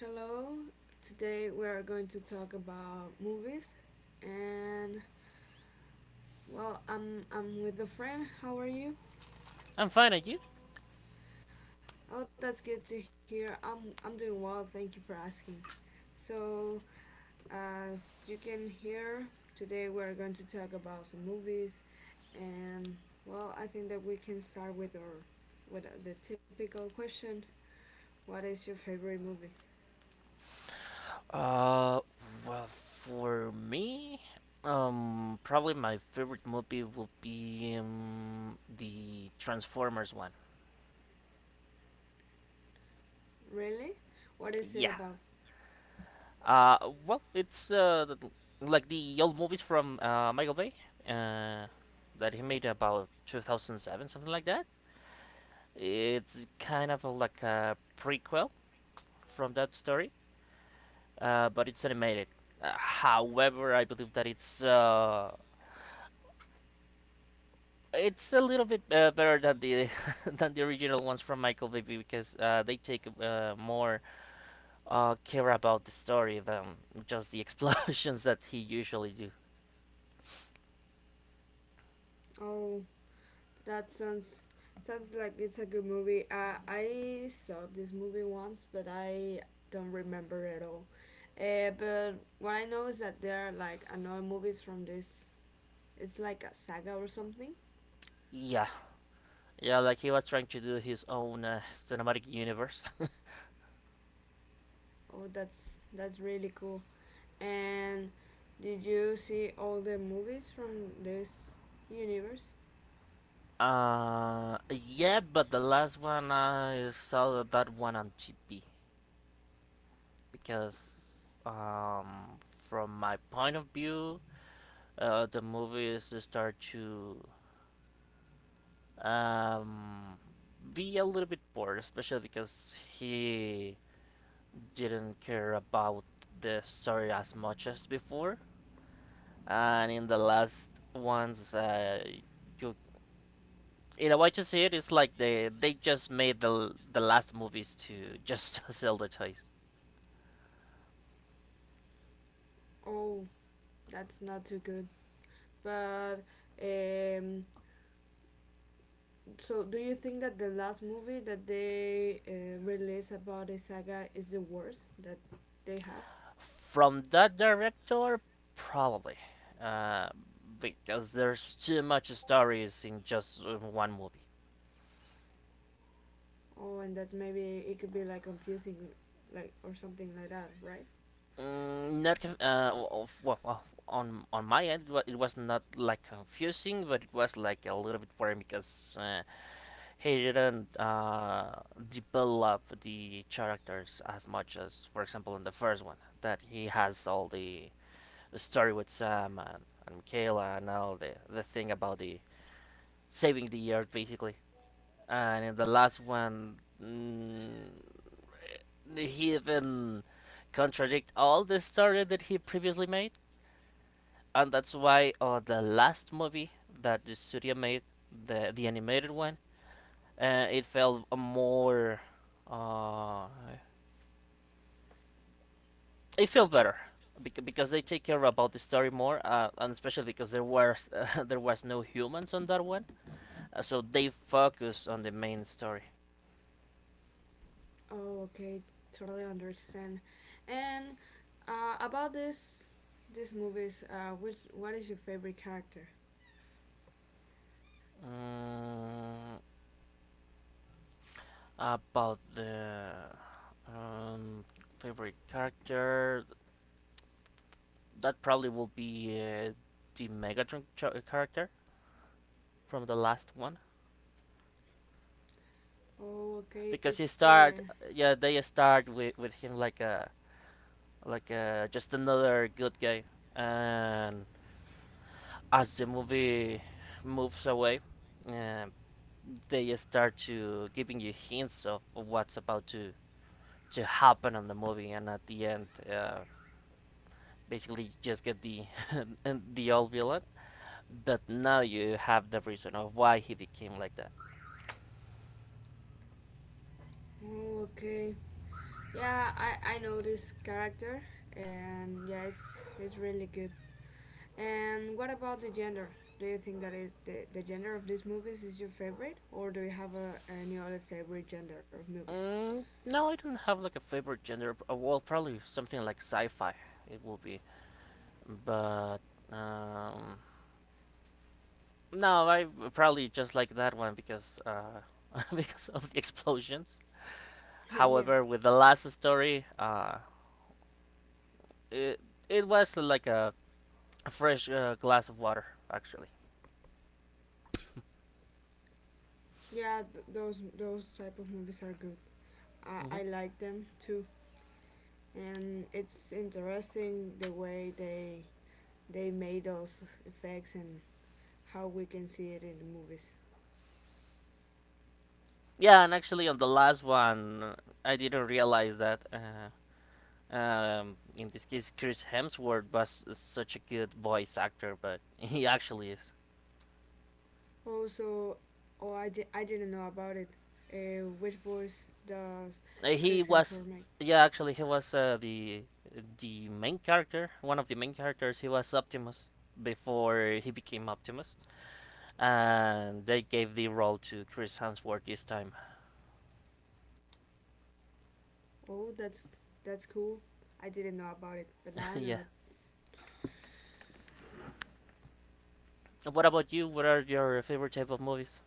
Hello, today we are going to talk about movies. And well, I'm with a friend. How are you? I'm fine, are you? Oh, that's good to hear. I'm doing well. Thank you for asking. So, as you can hear, today we are going to talk about some movies. And well, I think that we can start with the typical question. What is your favorite movie? Uh, well, for me, probably my favorite movie will be the Transformers one. Really? What is it Yeah. about? Uh, well, it's like the old movies from Michael Bay, uh, that he made about 2007, something like that. It's kind of a, like a prequel from that story, but it's animated. However, I believe that it's a little bit better than the than the original ones from Michael Bay because they take more care about the story than just the explosions that he usually do. Oh, that sounds like it's a good movie. I saw this movie once, but I don't remember at all. But what I know is that there are like another movies from this. It's like a saga or something. Yeah, yeah, like he was trying to do his own cinematic universe. Oh, that's really cool. And did you see all the movies from this universe? Yeah, but the last one I saw that one on GP because um, from my point of view, the movies start to um, be a little bit bored, especially because he didn't care about the story as much as before. And in the last ones, you in a way to see it, it's like they just made the last movies to just sell the toys. Oh, that's not too good. But um, so, do you think that the last movie that they released about the saga is the worst that they have? From that director, probably, uh, because there's too much stories in just one movie. Oh, and that maybe it could be like confusing, like or something like that, right? Mm, not conf- well, well, well, on my end, it was not like confusing, but it was like a little bit boring because he didn't develop the characters as much as, for example, in the first one, that he has all the story with Sam and Michaela and all the thing about the saving the earth basically, and in the last one, he even contradict all the story that he previously made and that's why the last movie that the studio made, the animated one, it felt more, uh, it felt better because they take care about the story more, and especially because there was there was no humans on that one. So they focus on the main story. Oh, okay, totally understand. And about this, these movies, which what is your favorite character? Mm, about the um, favorite character, that probably will be the character from the last one Oh, okay, because he it's start the. yeah they start with him like a, just another good guy and as the movie moves away uh, they start to giving you hints of what's about to happen on the movie and at the end basically you just get the the old villain but now you have the reason of why he became like that. Oh, okay. Yeah, I know this character, and yeah, it's really good. And what about the gender? Do you think that is the gender of these movies is your favorite, or do you have any other favorite gender of movies? No, I don't have like a favorite gender. Well, probably something like sci-fi. It will be, but um, no, I probably just like that one because because of the explosions. Yeah, However, with the last story, it it was like a fresh glass of water, actually. yeah, those type of movies are good. Hmm. I like them too, and it's interesting the way they made those effects and how we can see it in the movies. Yeah, and actually on the last one, I didn't realize that. In this case, Chris Hemsworth was such a good voice actor, but he actually is. Also, oh, I didn't know about it. Which voice does Uh, He Chris Hemsworth was, make? yeah, actually, he was the main character, one of the main characters. He was Optimus before he became Optimus, and they gave the role to Chris Hemsworth this time. Oh, that's cool. I didn't know about it, but now I yeah. know it. What about you? What are your favorite type of movies,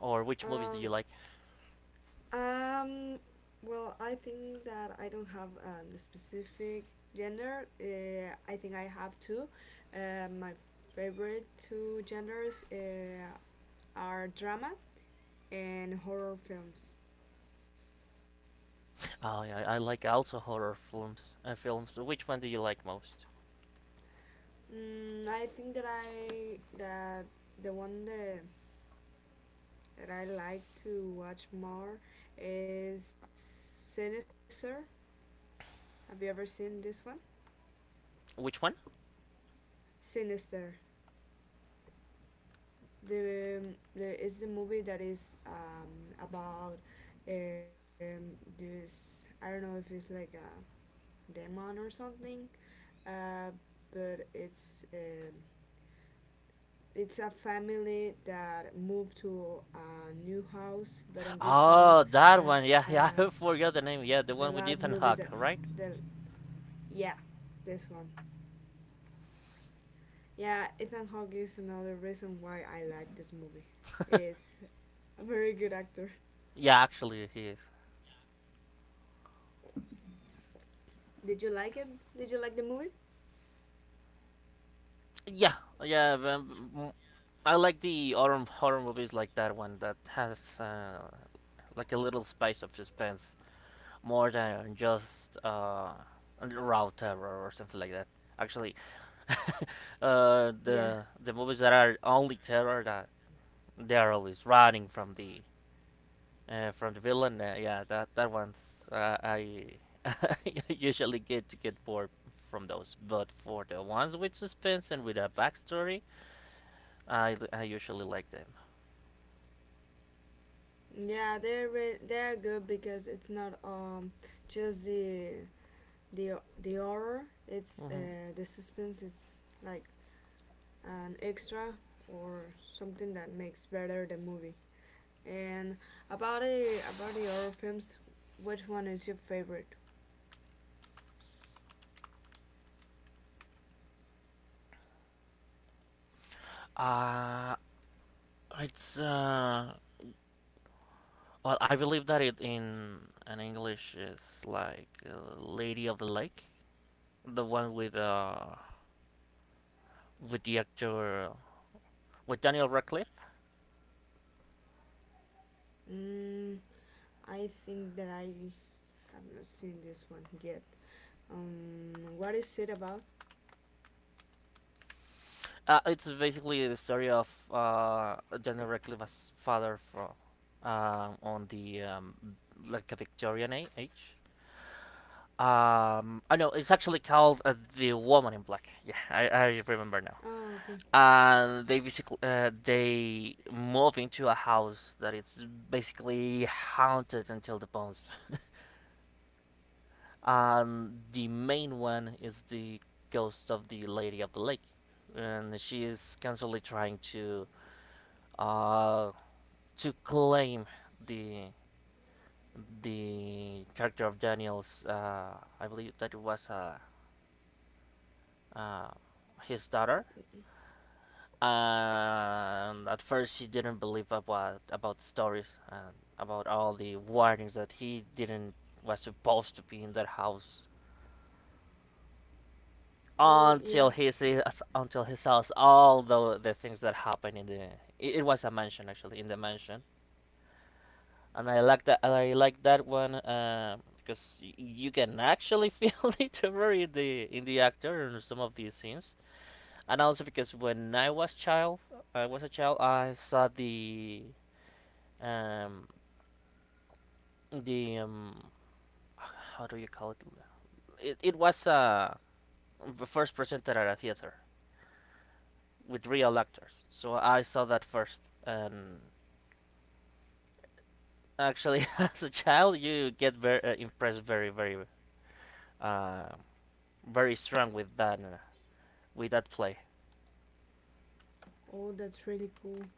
or which movies do you like? Um, um, well, I think that I don't have a specific gender. I think I have two. My favorite two genders are drama and horror films. Oh, yeah, I like also horror films. Films. Which one do you like most? I think that I that the one that I like to watch more is Sinister. Have you ever seen this one? Which one? Sinister. The, the it's the movie that is, about, this. I don't know if it's like a demon or something, uh, but it's a family that moved to a new house. But in this Oh, house, that uh, one. Yeah, yeah. I forgot the name. Yeah, the the one last with movie Ethan that Hawke, right? the yeah, this one. Yeah, Ethan Hawke is another reason why I like this movie. Is a very good actor. Yeah, actually, he is. Did you like it? Did you like the movie? Yeah, yeah. I like the horror movies like that one that has like a little spice of suspense more than just raw terror or something like that. Actually, Yeah, the movies that are only terror that they are always running from the villain, yeah, that that one's I usually get to get bored from those, but for the ones with suspense and with a backstory, I usually like them. yeah, they're good because it's not just the horror. It's Mm-hmm. The suspense. It's like an extra or something that makes better the movie. And about the horror films, which one is your favorite? Uh, it's well, I believe that it in an English is like Lady of the Lake, the one with the actor with Daniel Radcliffe. Mm, I think that I have not seen this one yet. What is it about? It's basically the story of Daniel Radcliffe's father from on the like a Victorian age. I know it's actually called the Woman in Black. Yeah, I remember now. Oh, okay. And they basically they move into a house that is basically haunted until the bones. And the main one is the ghost of the Lady of the Lake, and she is constantly trying uh to claim the character of Daniel's. I believe that it was uh, his daughter. And at first, he didn't believe about stories and about all the warnings that he didn't was supposed to be in that house Oh, until yeah. he sees until he saw all the things that happened in the it, it was a mansion actually in the mansion and I like that. I like that one because you can actually feel the terror in the actor in some of these scenes, and also because when I was child, I was a child, I saw the um the um how do you call it? It was first presented at a theater with real actors, so I saw that first, and actually as a child you get very impressed very uh very strong with that. With that play. Oh, that's really cool.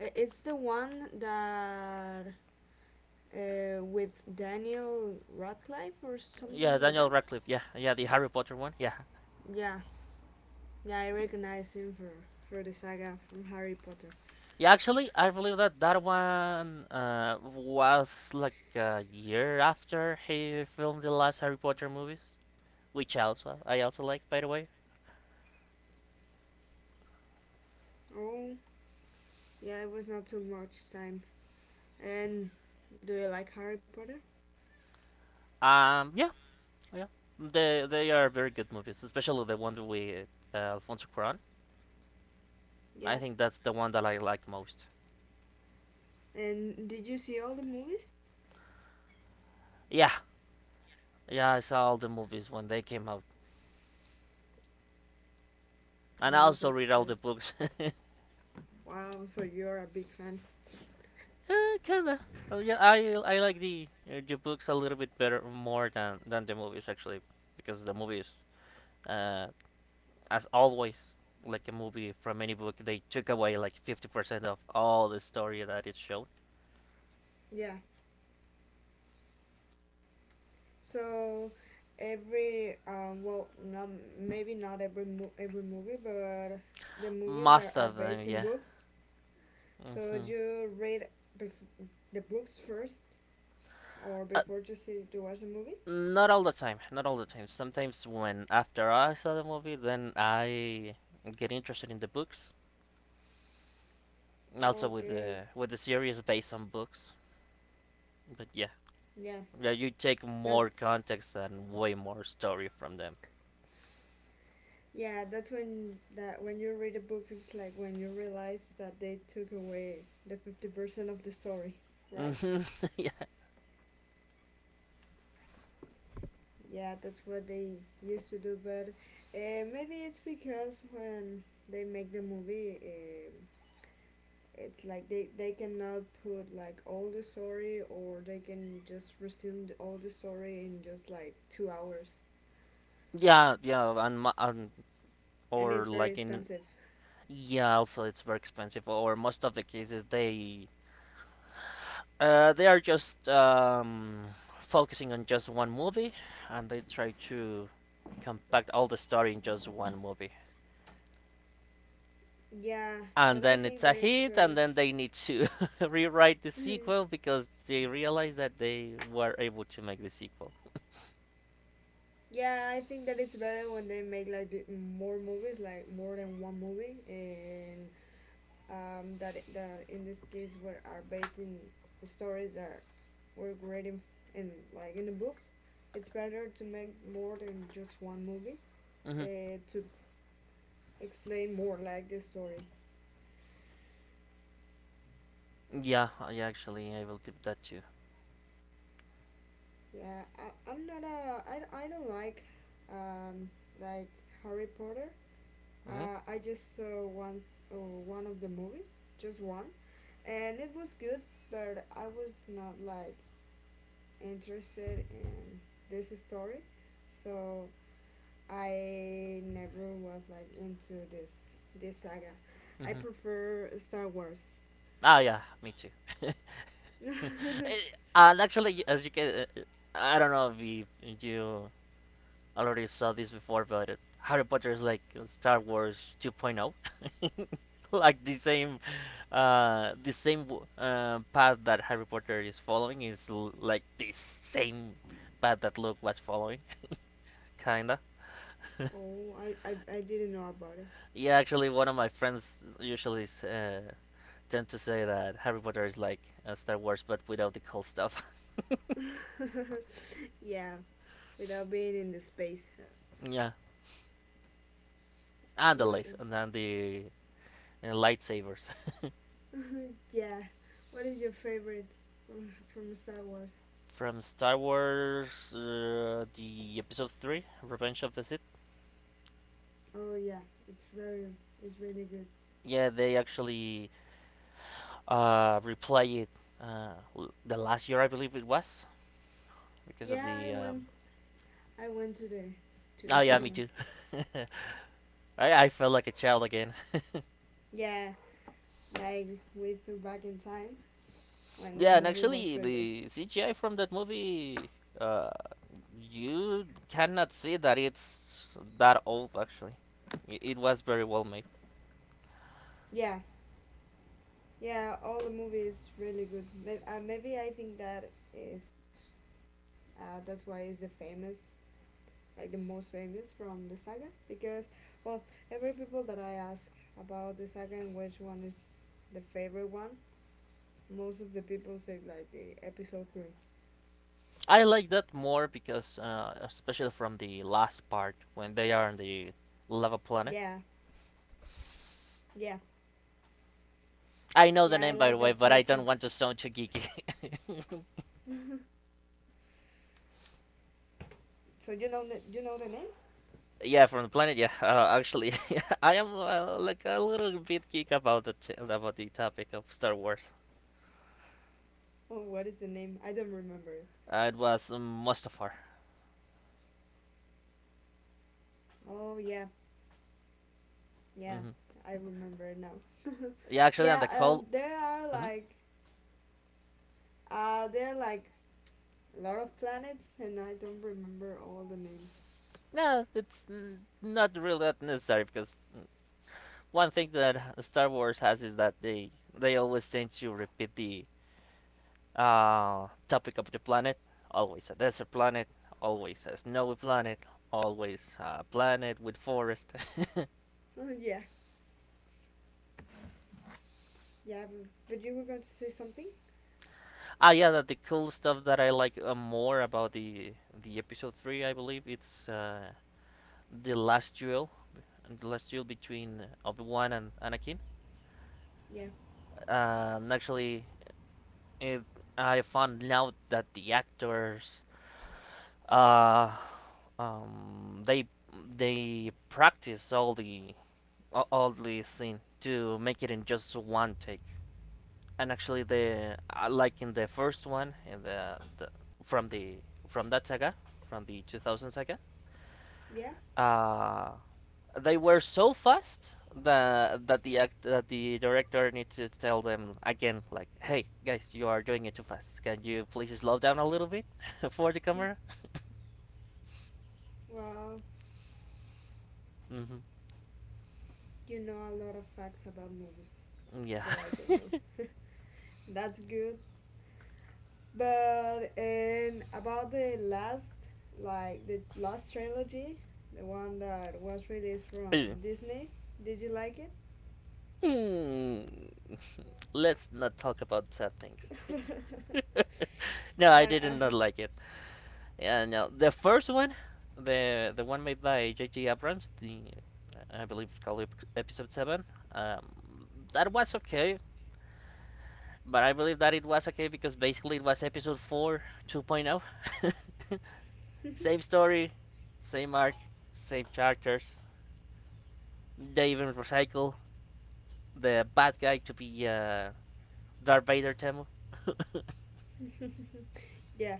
It's the one that with Daniel Radcliffe or Yeah, something like Daniel that. Radcliffe. Yeah, yeah, the Harry Potter one. Yeah, Yeah, yeah, I recognize him for the saga from Harry Potter. yeah. Actually, I believe that that one was like a year after he filmed the last Harry Potter movies, which also I also like, by the way. Oh, yeah, it was not too much time. And do you like Harry Potter? Yeah, yeah. They are very good movies, especially the one with Alfonso Cuarón. Yeah. I think that's the one that I like most. And did you see all the movies? Yeah, yeah. I saw all the movies when they came out, and I Oh, also that's read good. all the books. Wow, so you're a big fan. Kinda. Oh yeah, I like the books a little bit better more than the movies actually, because the movies, uh, as always, like a movie from any book, they took away like 50% of all the story that it showed. Yeah. So every well, not, maybe not every movie, but the movies are, Most are of them, based in yeah. books. So Hmm. do you read bef- the books first, or Uh, before to watch the movie? not all the time. Not all the time. Sometimes when after I saw the movie, then I get interested in the books. Also Okay. With the series based on books. But yeah, Yeah. yeah, you take That's more context and way more story from them. Yeah, that's when, that when you read the books, it's like when you realize that they took away the 50% of the story, right? yeah, Yeah, that's what they used to do, but maybe it's because when they make the movie, it's like they cannot put like all the story, or they can just resume all the story in just like 2 hours. yeah, yeah, and And or it's very like in expensive. Yeah, also it's very expensive. Or most of the cases they are just focusing on just one movie, and they try to compact all the story in just one movie. Yeah, And but I then it's think a that it's hit, and better. then they need to rewrite the sequel because they realize that they were able to make the sequel. Yeah, I think that it's better when they make like more movies, like more than one movie, and that in this case were are based in stories that were great in like in the books. It's better to make more than just one movie Mm-hmm. To explain more like the story. Yeah, yeah, actually, I will keep that too. Yeah, I, I'm not a I don't like, um, like Harry Potter. Mhm. I just saw once, one of the movies, just one, and it was good, but I was not like interested in this story, so I never was like into this saga. I Mhm. prefer Star Wars. Ah, yeah, me too. And actually, I don't know if you already saw this before, but Harry Potter is like Star Wars 2.0. Like the same path that Harry Potter is following is l like the same path that Luke was following, kinda. oh, I didn't know about it. Yeah, actually, one of my friends usually tend to say that Harry Potter is like Star Wars, but without the cool stuff. yeah, without being in the space. yeah, and the What, lace, and then the lightsabers. yeah. What is your favorite from Star Wars? From Star Wars, the episode three, Revenge of the Sith. Oh yeah, it's very it's really good. Yeah, they actually replay it uh, the last year, I believe it was, because of Yeah, the. I went to Oh the yeah, me cinema. too. I felt like a child again. Yeah, like we threw back in time when the yeah, and movie actually was released. the CGI from that movie uh, you cannot see that it's that old actually. It was very well made. Yeah, yeah, all the movie is really good. Maybe I think that is that's why it's like the most famous from the saga because well, every people that I ask about the saga and which one is the favorite one, most of the people say like the episode three. I like that more because, especially from the last part when they are on the Yeah, lava planet. yeah, I yeah. know I the name like by the that way, part but I too. don't want to sound too geeky. So you know the name? yeah, from the planet. Yeah, actually, I am like a little bit geek about about the topic of Star Wars. Oh, what is the name? I don't remember. It was Mustafar. Oh yeah, yeah, Hmm. I remember it now. Yeah, actually, on Yeah, the call. there are Hmm. like, uh, there are like a lot of planets, and I don't remember all the names. No, it's not really that necessary because one thing that Star Wars has is that they always tend to repeat the topic of the planet. Always a desert planet. Always a snowy planet. Always a planet with forest. Oh yeah, yeah, but you were going to say something? ah, yeah, that the cool stuff that I like more about the episode three, I believe, it's the last duel, the last duel between Obi Wan and Anakin. Yeah, And actually, it, I found out that the actors uh, um, they they practice all the scene to make it in just one take. And actually, the like in the first one in the from the from that saga from the 2000 saga, yeah. uh, they were so fast that the act that the director needs to tell them again, like, hey guys, you are doing it too fast. Can you please slow down a little bit for the camera? Well, hmm you know a lot of facts about movies Yeah. that I don't know. That's good. But and about the last trilogy, the one that was released from Disney. Did you like it? Mm. Let's not talk about sad things. No, I, I did I not like it. Yeah, no, the first one, the one made by J. J. Abrams, the I believe it's called episode seven. Um, that was okay, but I believe that it was okay because basically it was episode four 2.0. Same story, same arc, same characters. They even recycle the bad guy to be Darth Vader Temu. yeah,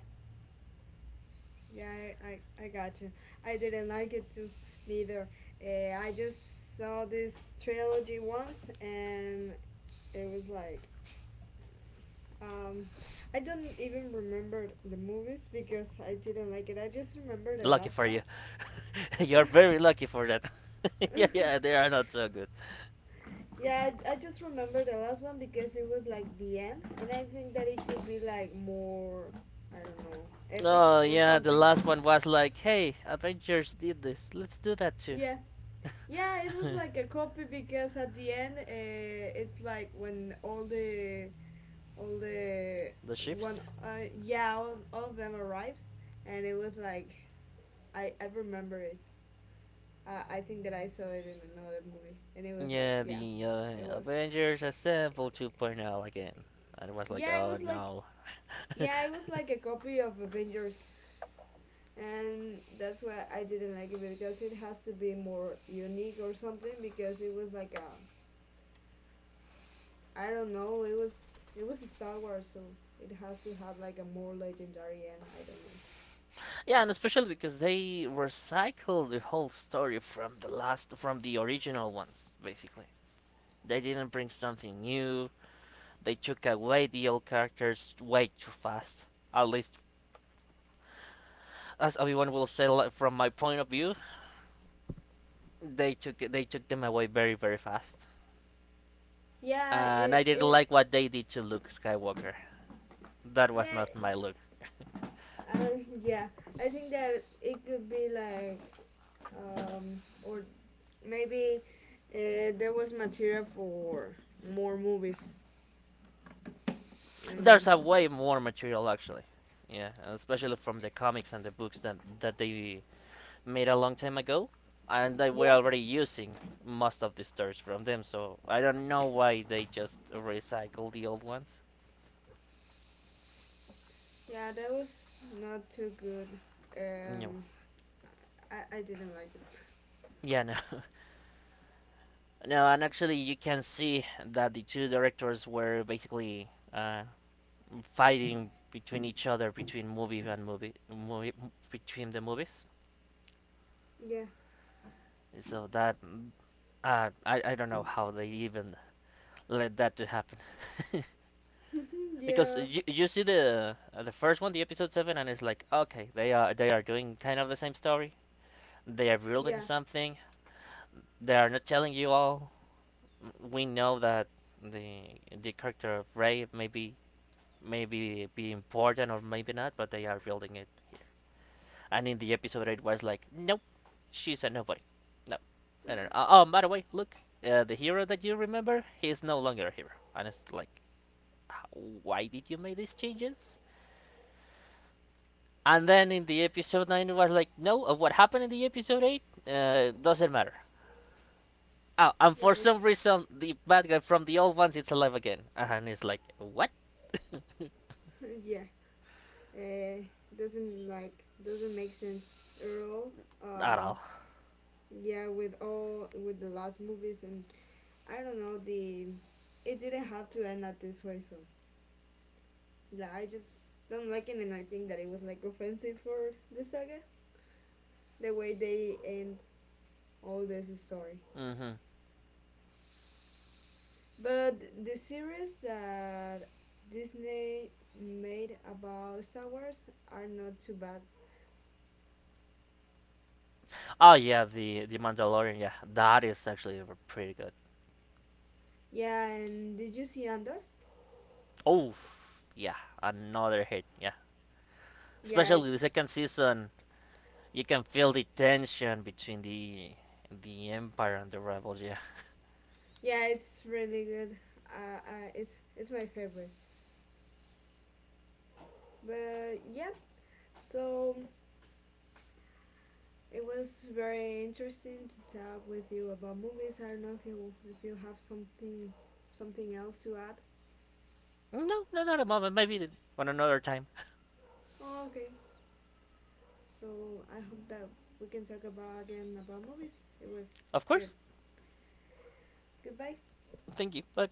yeah, I got you. I didn't like it too, neither. I just saw this trilogy once, and it was like, um, I don't even remember the movies because I didn't like it. I just remember the Lucky last for one. you, you're very lucky for that. Yeah, yeah, they are not so good. Yeah, I just remember the last one because it was like the end, and I think that it could be like more, I don't know, epic Oh or yeah, the something. last one was like, "Hey, Avengers did this. Let's do that too." Yeah, yeah, it was like a copy because at the end, it's like when all the, The ships? Yeah, all of them arrived, and it was like, I remember it. I think that I saw it in another movie, and it was like, Yeah, yeah, the it was Avengers Assemble 2.0 again. And it was like, yeah it "Oh was like no." Yeah, it was like a copy of Avengers, and that's why I didn't like it because it has to be more unique or something because it was like a I don't know, it was Star Wars, so it has to have like a more legendary end. I don't know. Yeah, and especially because they recycled the whole story from the last from the original ones, basically. They didn't bring something new. They took away the old characters way too fast. At least, as everyone will say, like, from my point of view, they took them away very very fast. Yeah, And I it didn't it like what they did to Luke Skywalker. That was not yeah, my look. uh, yeah, I think that it could be like, or maybe, there was material for more movies There's and a way more material actually, yeah, especially from the comics and the books that they made a long time ago, and they were Yeah. already using most of the stories from them. So I don't know why they just recycle the old ones. Yeah, that was not too good. No, Um, I didn't like it. yeah, no, no, and actually you can see that the two directors were basically fighting between each other between movie and movie, movie between the movies. Yeah. So that I don't know how they even let that to happen. Mhm, Because yeah. You see the first one, the episode seven, and it's like okay, they are doing kind of the same story. They are Yeah. building something. They are not telling you all. We know that the character of Ray maybe be important or maybe not, but they are building it here. And in the episode, it was like, nope, she's a nobody. No, no, no, no. Oh, by the way, look, the hero that you remember, he is no longer a hero. And it's like, why did you make these changes? And then in the episode 9, it was like, no, what happened in the episode 8 doesn't matter. Oh, and Yeah. for It's some reason, the bad guy from the old ones it's alive again. Uh-huh. And it's like, what? yeah. Uh, doesn't make sense at all. At Uh, all. yeah. With all with the last movies, and I don't know, the it didn't have to end at this way. So yeah, I just don't like it, and I think that it was like offensive for the saga the way they end all this story. hmm But the series that Disney made about Star Wars are not too bad. Oh, yeah, the Mandalorian, yeah. That is actually pretty good. Yeah, and did you see Andor? Oh, yeah, another hit, yeah. Yeah, Especially the it's second season, you can feel the tension between the Empire and the Rebels. Yeah. yeah, it's really good. It's my favorite. But yeah, so it was very interesting to talk with you about movies. I don't know if you have something else to add. No, no, not at the moment. Maybe the- on another time. Oh, okay. So I hope that we can talk about again about movies. It was Of good. course. Goodbye. Thank you. Bye.